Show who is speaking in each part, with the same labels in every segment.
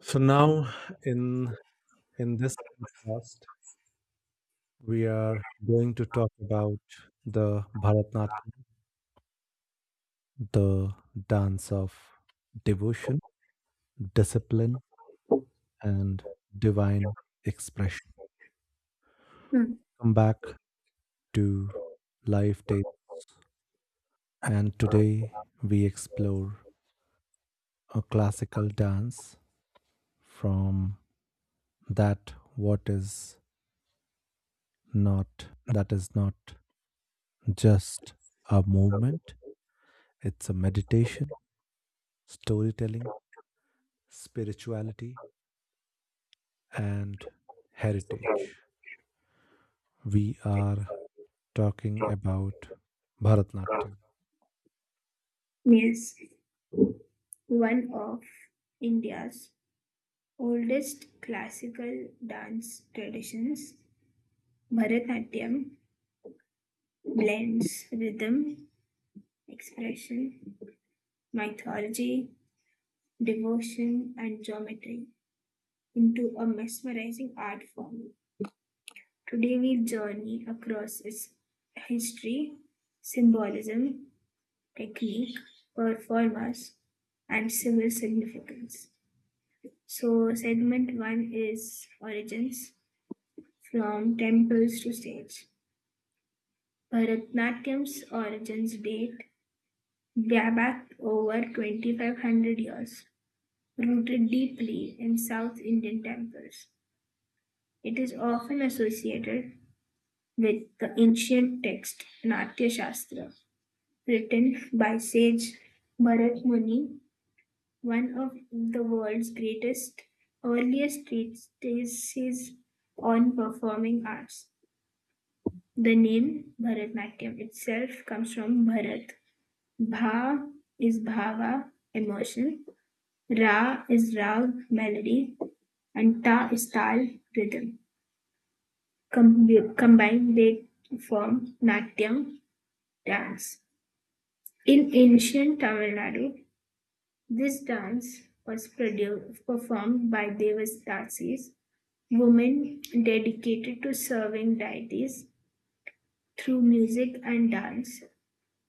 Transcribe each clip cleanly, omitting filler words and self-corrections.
Speaker 1: So now in in this podcast, we are going to talk about the Bharatnatyam, the dance of devotion, discipline, and divine expression.
Speaker 2: Mm.
Speaker 1: Come back to live tape, and today we explore a classical dance from that what is that is not just a movement; it's a meditation storytelling, spirituality, and heritage. We are talking about Bharatanatyam.
Speaker 2: Is one of India's oldest classical dance traditions. Bharatanatyam blends rhythm, expression, mythology, devotion, and geometry into a mesmerizing art form. Today, we journey across its history, symbolism, technique, performers, and civil significance. So, segment one is origins from temples to stage. Bharatnatyam's origins date back over 2500 years, rooted deeply in South Indian temples. It is often associated with the ancient text Natya Shastra, written by sage Bharat Muni, one of the world's greatest earliest treatises on performing arts. The name Bharatnatyam itself comes from Bharat. Bha is bhava, emotion. Ra is rag, melody. And ta is tal, rhythm. Combined, they form Natyam dance. In ancient Tamil Nadu, this dance was produced, performed by Devastasis, women dedicated to serving deities through music and dance.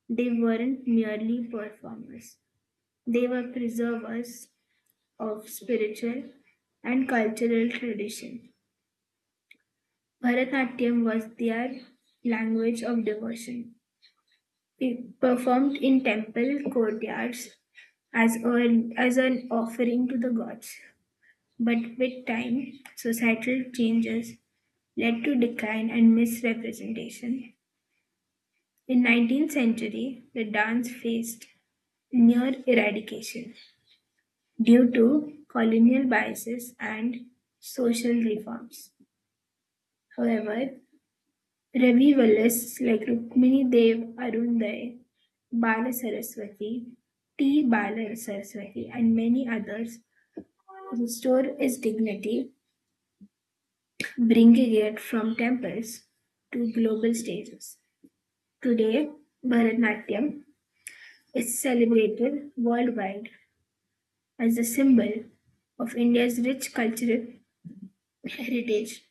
Speaker 2: They weren't merely performers, they were preservers of spiritual and cultural tradition. Bharatnatyam was their language of devotion. It performed in temple courtyards as an offering to the gods. But with time, societal changes led to decline and misrepresentation. In 19th century, the dance faced near eradication. Due to colonial biases and social reforms, however, revivalists like Rukmini Dev Arunday, Bala Saraswati, T. Bala Saraswati, and many others restore its dignity, bringing it from temples to global stages. Today, Bharatanatyam is celebrated worldwide as a symbol of India's rich cultural heritage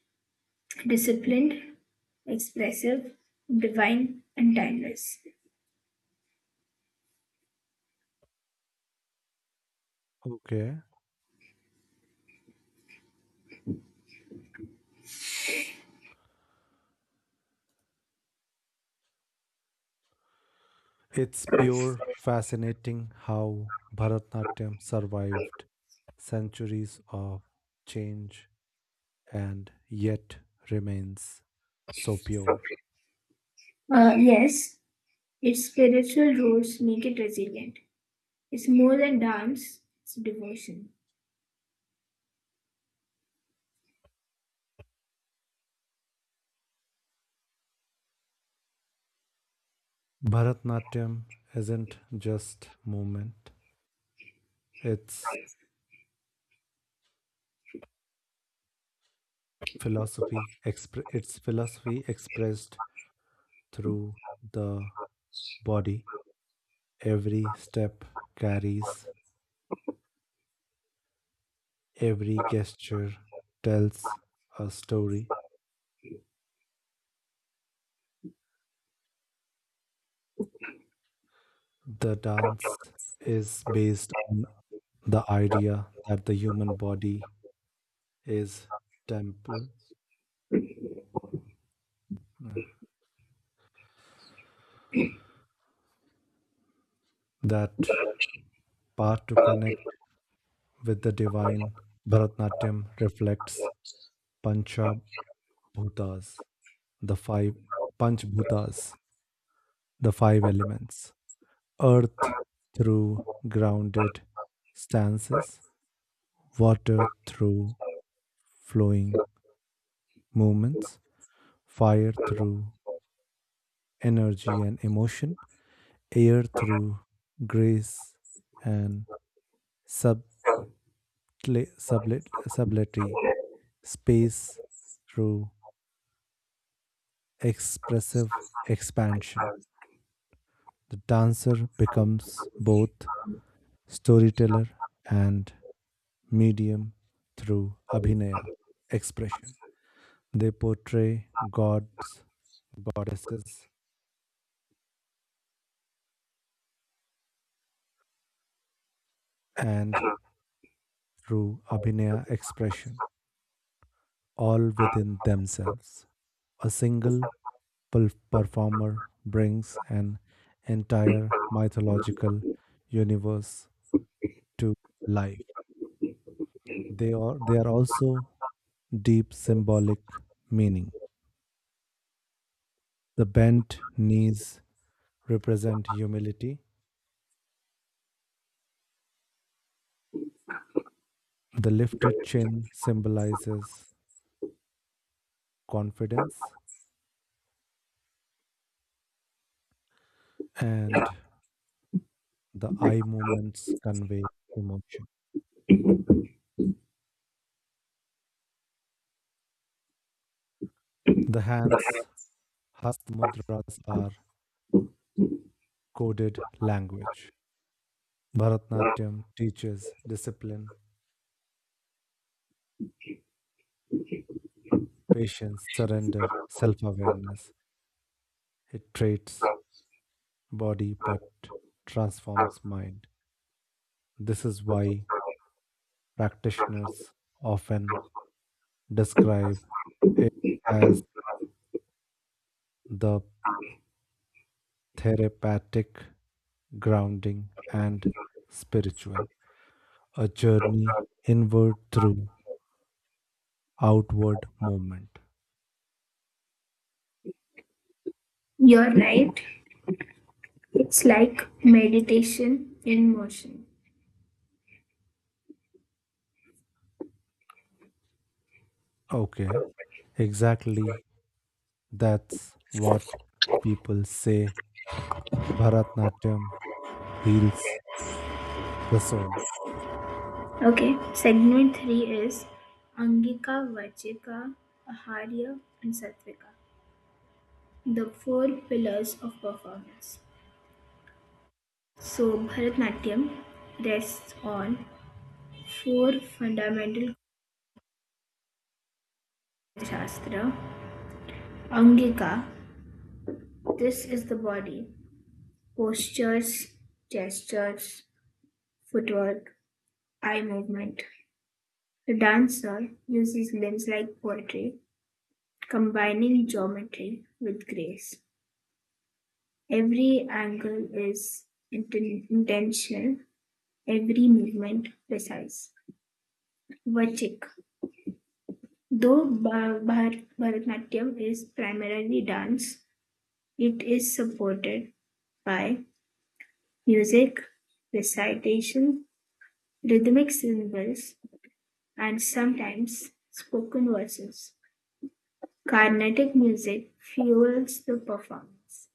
Speaker 2: disciplined, expressive, divine, and timeless.
Speaker 1: Okay. It's pure fascinating how Bharatanatyam survived centuries of change and yet remains so pure.
Speaker 2: Yes, its spiritual roots make it resilient. It's more than dance, it's devotion.
Speaker 1: Bharatanatyam isn't just movement, it's it's philosophy expressed through the body. Every step carries, every gesture tells a story. The dance is based on the idea that the human body is temple, that path to connect with the divine. Bharatanatyam reflects Pancha Bhutas, the five Panch Bhutas, the five elements. Earth through grounded stances, water through flowing movements, fire through energy and emotion, air through grace and subtly- subtlety, space through expressive expansion. The dancer becomes both storyteller and medium through abhinaya expression. They portray gods, goddesses, and through Abhinaya expression, all within themselves. A single performer brings an entire mythological universe to life. They are also deep symbolic meaning. The bent knees represent humility, the lifted chin symbolizes confidence, and the eye movements convey emotion. The hands Hasthamudras are coded language. Bharatanatyam teaches discipline, patience, surrender, self awareness. It traits body but transforms mind. This is why practitioners often describe as the therapeutic grounding and spiritual, a journey inward through outward movement.
Speaker 2: You're right, it's like meditation in motion.
Speaker 1: Okay, exactly. That's what people say. Bharatnatyam heals the soul.
Speaker 2: Okay, segment 3 is Angika, Vachika, Aharya, and Satvika, the four pillars of performance. So, Bharatnatyam rests on four fundamental Shastra, Angika, this is the body, postures, gestures, footwork, eye movement. The dancer uses limbs like poetry, combining geometry with grace. Every angle is intentional, every movement precise. Vachik. Though Bharatanatyam is primarily dance, it is supported by music, recitation, rhythmic symbols, and sometimes spoken verses. Carnatic music fuels the performance.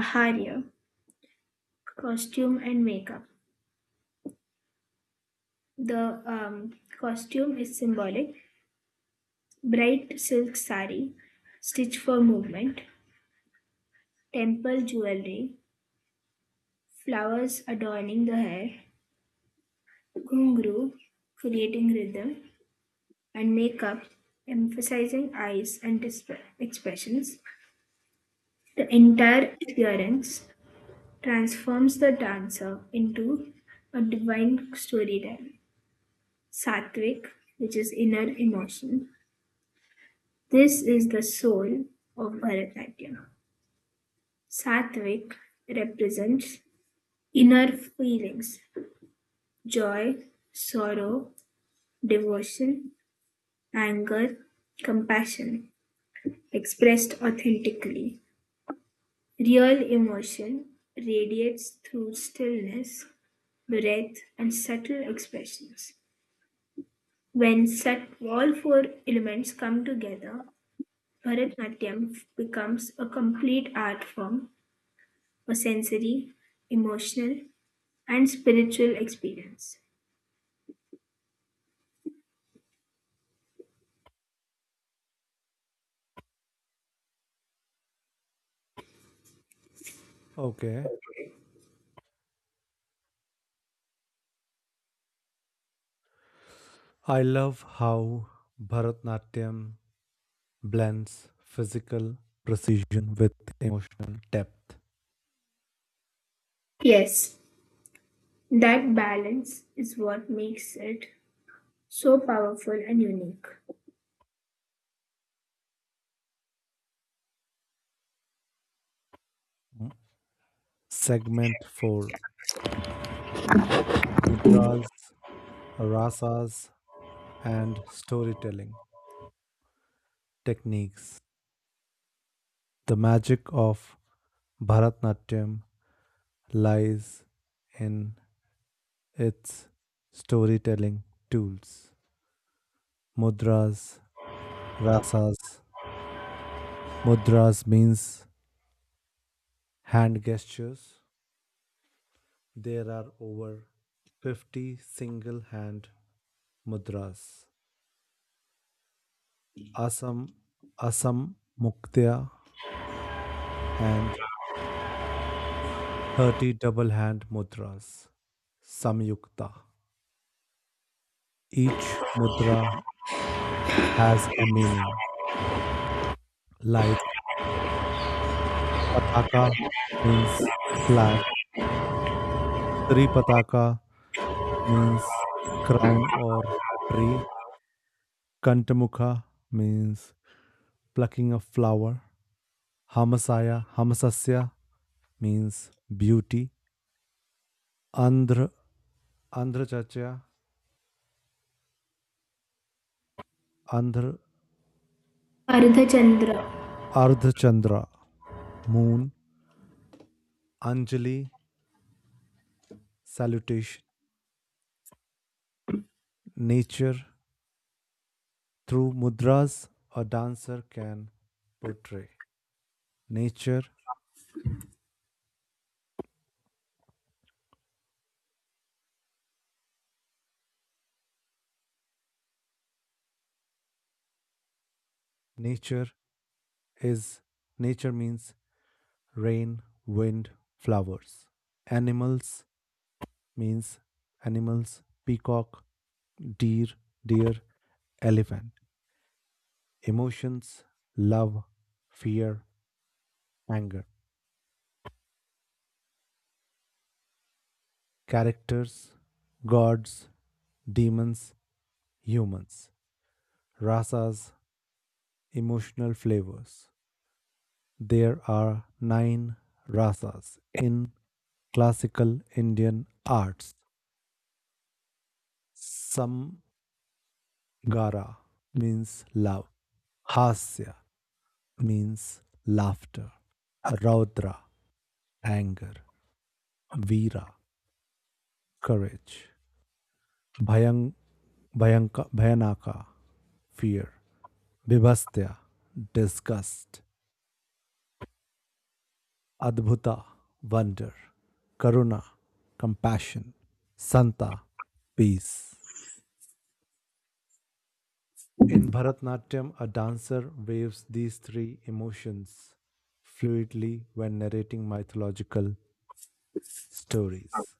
Speaker 2: Aharya, costume and makeup. The costume is symbolic. Bright silk sari, stitch for movement, temple jewelry, flowers adorning the hair, ghungru, creating rhythm, and makeup, emphasizing eyes and expressions. The entire appearance transforms the dancer into a divine storyline. Sattvic, which is inner emotion. This is the soul of Bharatanatyam. Sattvic represents inner feelings: joy, sorrow, devotion, anger, compassion, expressed authentically. Real emotion radiates through stillness, breath, and subtle expressions. When set all four elements come together, Bharatnatyam becomes a complete art form, a sensory, emotional, and spiritual experience.
Speaker 1: Okay. I love how Bharatnatyam blends physical precision with emotional depth.
Speaker 2: Yes, that balance is what makes it so powerful and unique.
Speaker 1: Mm. Segment 4: Mudras, Rasas, and Storytelling Techniques. The magic of Bharatnatyam lies in its storytelling tools: mudras, rasas. Mudras means hand gestures. There are over 50 single hand mudras, Asam, Asam Muktya, and 30 double hand mudras, Samyukta. Each mudra has a meaning like pataka means flag, Tripataka means crown or tree, Kantamukha means plucking of flower. Hamasasya means beauty. Andhra, Andhrachachya, Andhra,
Speaker 2: Ardhachandra.
Speaker 1: Ardhachandra, moon. Anjali, salutation. Nature, through mudras, a dancer can portray. Nature, nature is, Nature means rain, wind, flowers. Animals means animals, peacock, deer, deer, elephant. Emotions, love, fear, anger. Characters, gods, demons, humans. Rasas, emotional flavors. There are nine rasas in classical Indian arts. Samgara means love. Hasya means laughter. Raudra, anger. Veera, courage. Bhayan, bhayanaka, fear. Vibhastya, disgust. Adbhuta, wonder. Karuna, compassion. Santa, peace. In Bharatnatyam, a dancer waves these three emotions fluidly when narrating mythological stories,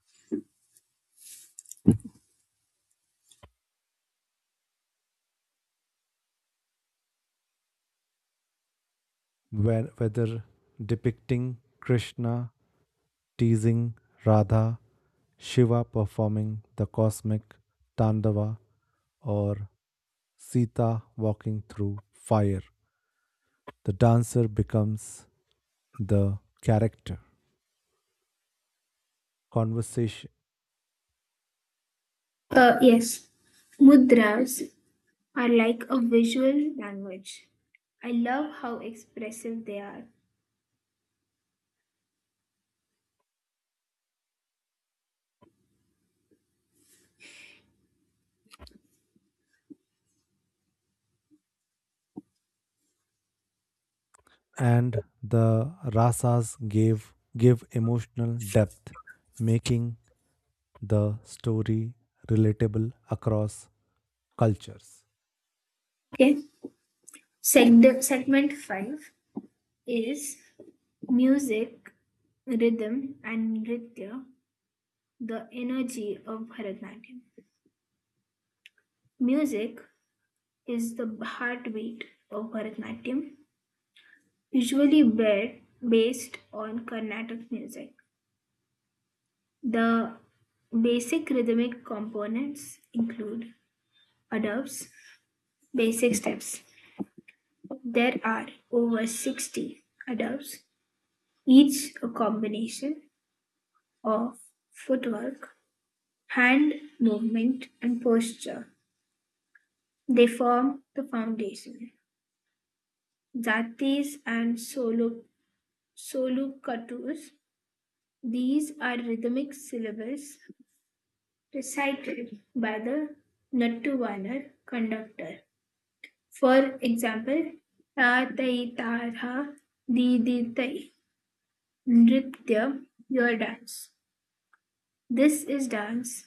Speaker 1: whether depicting Krishna teasing Radha, Shiva performing the cosmic Tandava, or Sita walking through fire. The dancer becomes the character. Conversation
Speaker 2: Yes, mudras are like a visual language. I love how expressive they are.
Speaker 1: and the rasas gave give emotional depth, making the story relatable across cultures.
Speaker 2: Okay. Segment 5 is music, rhythm, and nritya, the energy of Bharatanatyam. Music is the heartbeat of Bharatanatyam, usually based on Carnatic music. The basic rhythmic components include adubs, basic steps. There are over 60 adults, each a combination of footwork, hand movement and posture. They form the foundation. Jatis and solo solukatus. These are rhythmic syllables recited by the Nattuvanar conductor. For example, ta tai tarha di di tai, nritya, your dance. This is dance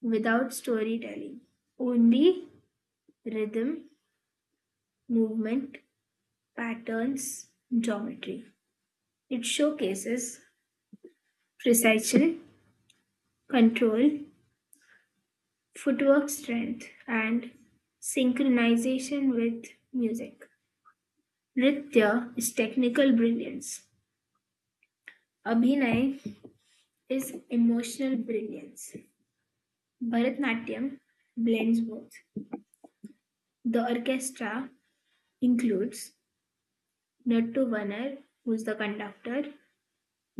Speaker 2: without storytelling, only rhythm, movement, patterns, geometry. It showcases precision, control, footwork strength, and synchronization with music. Nritya is technical brilliance. Abhinay is emotional brilliance. Bharatnatyam blends both. The orchestra includes Nattuvanar was the conductor,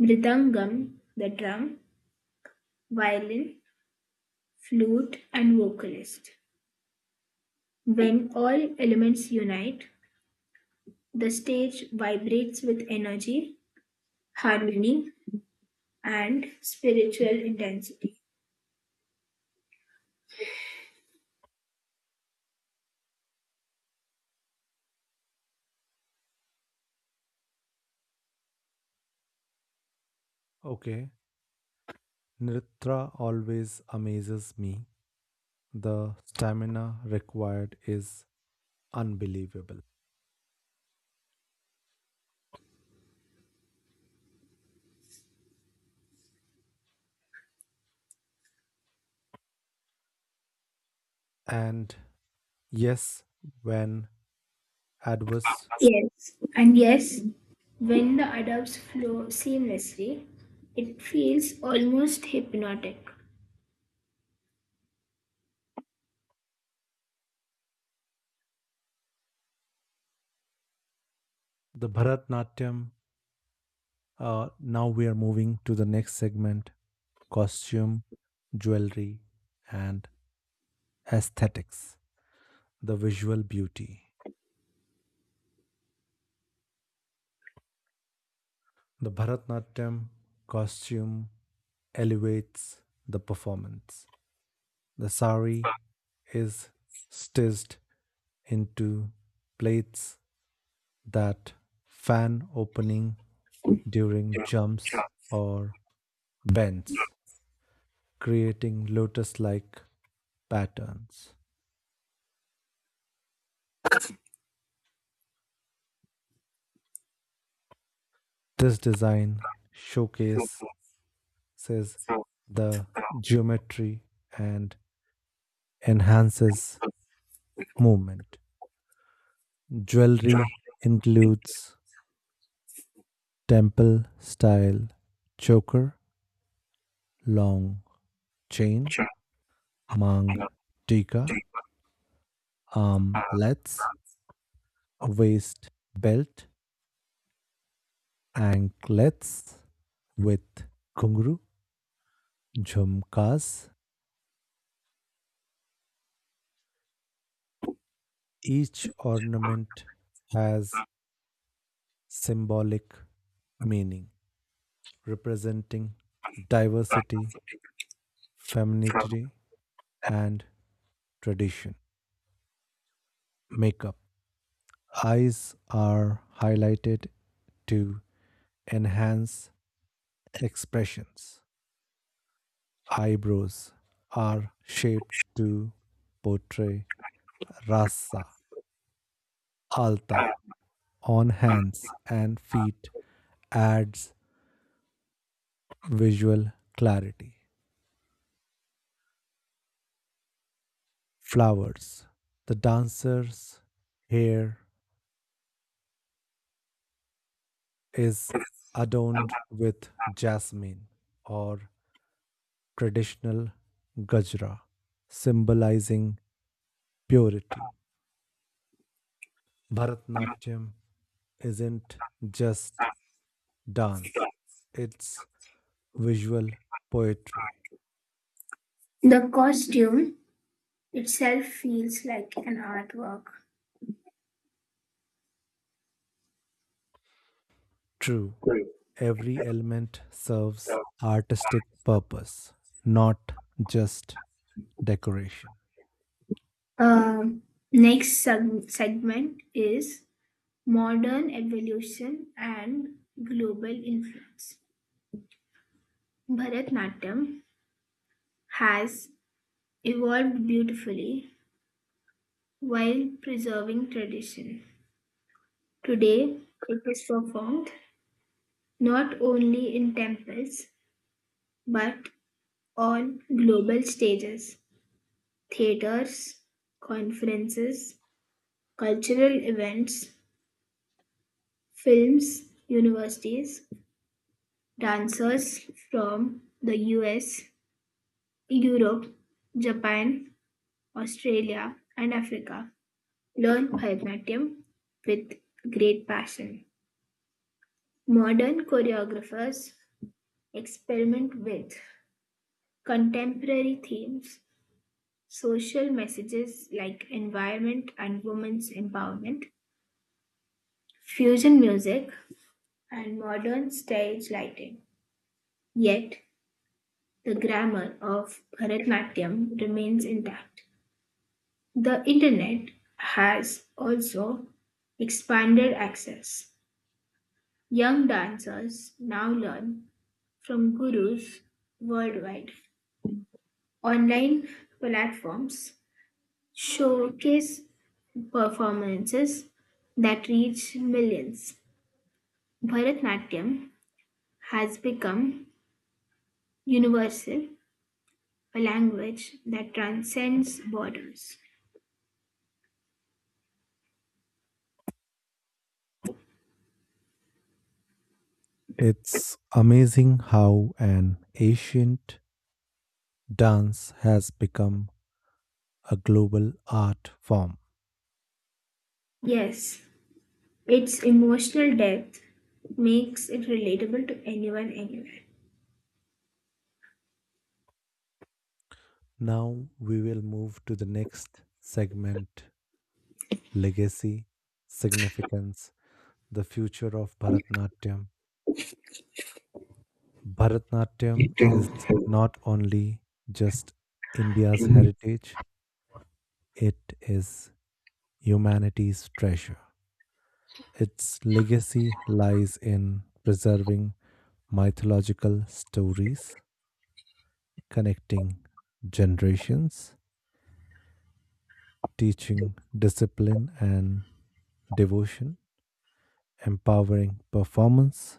Speaker 2: Mridangam the drum, violin, flute and vocalist. When all elements unite, the stage vibrates with energy, harmony and spiritual intensity.
Speaker 1: Okay, Nritra always amazes me. The stamina required is unbelievable. And yes, when ad was
Speaker 2: Yes, when the adults flow seamlessly, it feels almost hypnotic.
Speaker 1: the Bharatnatyam, now we are moving to the next segment: costume, jewelry, and aesthetics, the visual beauty. The Bharatnatyam costume elevates the performance. The sari is stitched into plaits that fan opening during jumps or bends, creating lotus like patterns. This design showcases the geometry and enhances movement. Jewelry includes temple style choker, long chain, mang tika, armlets, waist belt, anklets with kunguru, jhumkas. Each ornament has symbolic meaning, representing diversity, femininity, and tradition. Makeup: eyes are highlighted to enhance expressions. Eyebrows are shaped to portray rasa, alta on hands and feet adds visual clarity. Flowers: the dancer's hair is adorned with jasmine or traditional gajra, symbolizing purity. Bharatanatyam isn't just dance, it's visual poetry.
Speaker 2: The costume itself feels like an artwork.
Speaker 1: True, every element serves artistic purpose, not just decoration.
Speaker 2: Um, Next segment is modern evolution and global influence. Bharatnatyam has evolved beautifully while preserving tradition. Today, it is performed not only in temples but on global stages, theaters, conferences, cultural events, films, universities. Dancers from the US, Europe, Japan, Australia, and Africa learn Bharatanatyam with great passion. Modern choreographers experiment with contemporary themes, social messages like environment and women's empowerment, fusion music, and modern stage lighting. Yet, the grammar of Bharatanatyam remains intact. The internet has also expanded access. Young dancers now learn from gurus worldwide. Online platforms showcase performances that reach millions. Bharatnatyam has become universal, a language that transcends borders.
Speaker 1: It's amazing how an ancient dance has become a global art form.
Speaker 2: Yes, its emotional depth makes it relatable to anyone anywhere.
Speaker 1: Now we will move to the next segment: legacy, significance, the future of Bharatanatyam. Bharatanatyam is not only just India's heritage, it is humanity's treasure. Its legacy lies in preserving mythological stories, connecting generations, teaching discipline and devotion, empowering performance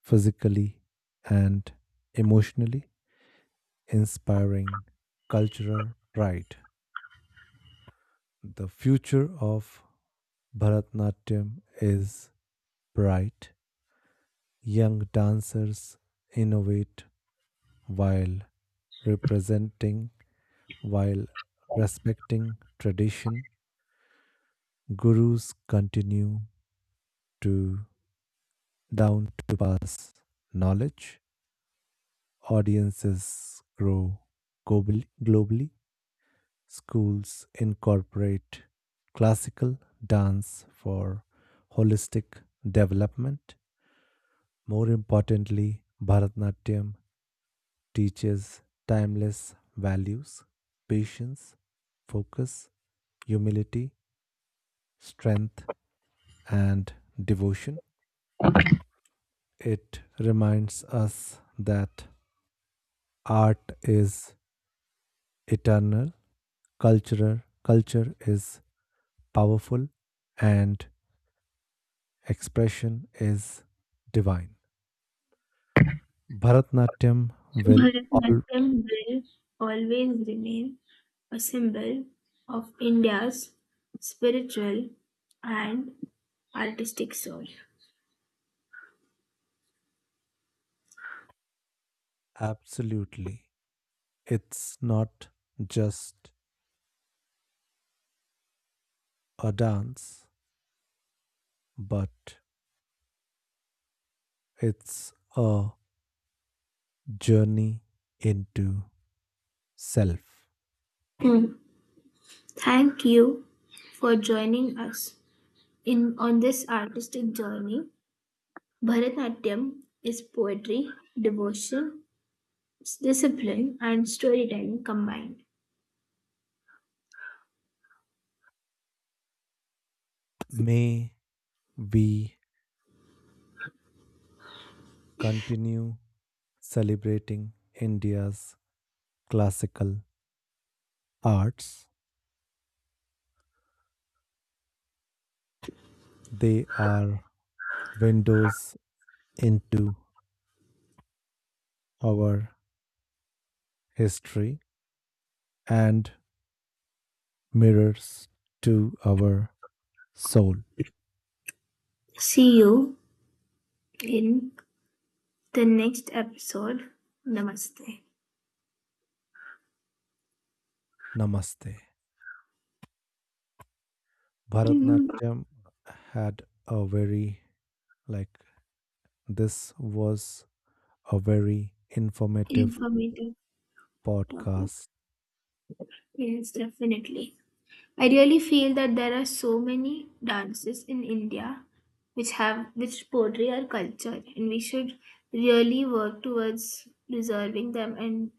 Speaker 1: physically and emotionally, inspiring cultural pride. The future of Bharatanatyam is bright. Young dancers innovate while representing, while respecting tradition, gurus continue to down to pass knowledge. Audiences grow globally. Schools incorporate classical dance for holistic development. More importantly, Bharatanatyam teaches timeless values: patience, focus, humility, strength, and devotion. It reminds us that art is eternal, culture is powerful, and expression is divine. Bharatanatyam will all
Speaker 2: Bharatanatyam will always remain a symbol of India's spiritual and artistic soul.
Speaker 1: absolutely. It's not just a dance, but it's a journey into self.
Speaker 2: Hmm. Thank you for joining us in on this artistic journey. Bharatanatyam is poetry, devotion, discipline, and storytelling combined.
Speaker 1: May we continue celebrating India's classical arts. They are windows into our history and mirrors to our soul.
Speaker 2: See you in the next episode. Namaste.
Speaker 1: Namaste.
Speaker 2: Mhm.
Speaker 1: Bharatanatyam had a very, like, this was a very informative
Speaker 2: Informative topic.
Speaker 1: podcast.
Speaker 2: Yes, definitely. I really feel that there are so many dances in India which have which portray our culture, and we should really work towards preserving them and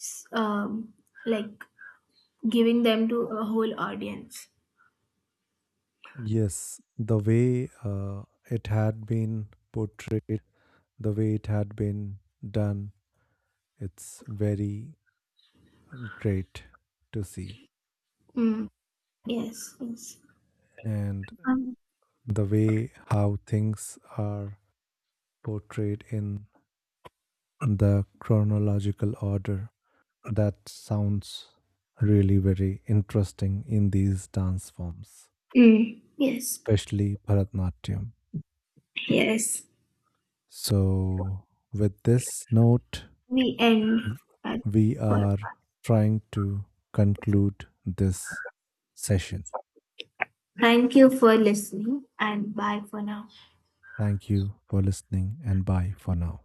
Speaker 2: s- um, like giving them to a whole audience.
Speaker 1: Yes, the way it had been portrayed, the way it had been done, it's very great to see.
Speaker 2: Mm, yes, yes.
Speaker 1: And
Speaker 2: Um,
Speaker 1: the way how things are portrayed in the chronological order, that sounds really very interesting in these dance forms,
Speaker 2: mm, yes,
Speaker 1: especially Bharatanatyam.
Speaker 2: yes.
Speaker 1: So, with this note,
Speaker 2: We end at.
Speaker 1: we are trying to conclude this session.
Speaker 2: Thank you for listening and bye for now.
Speaker 1: Thank you for listening and bye for now.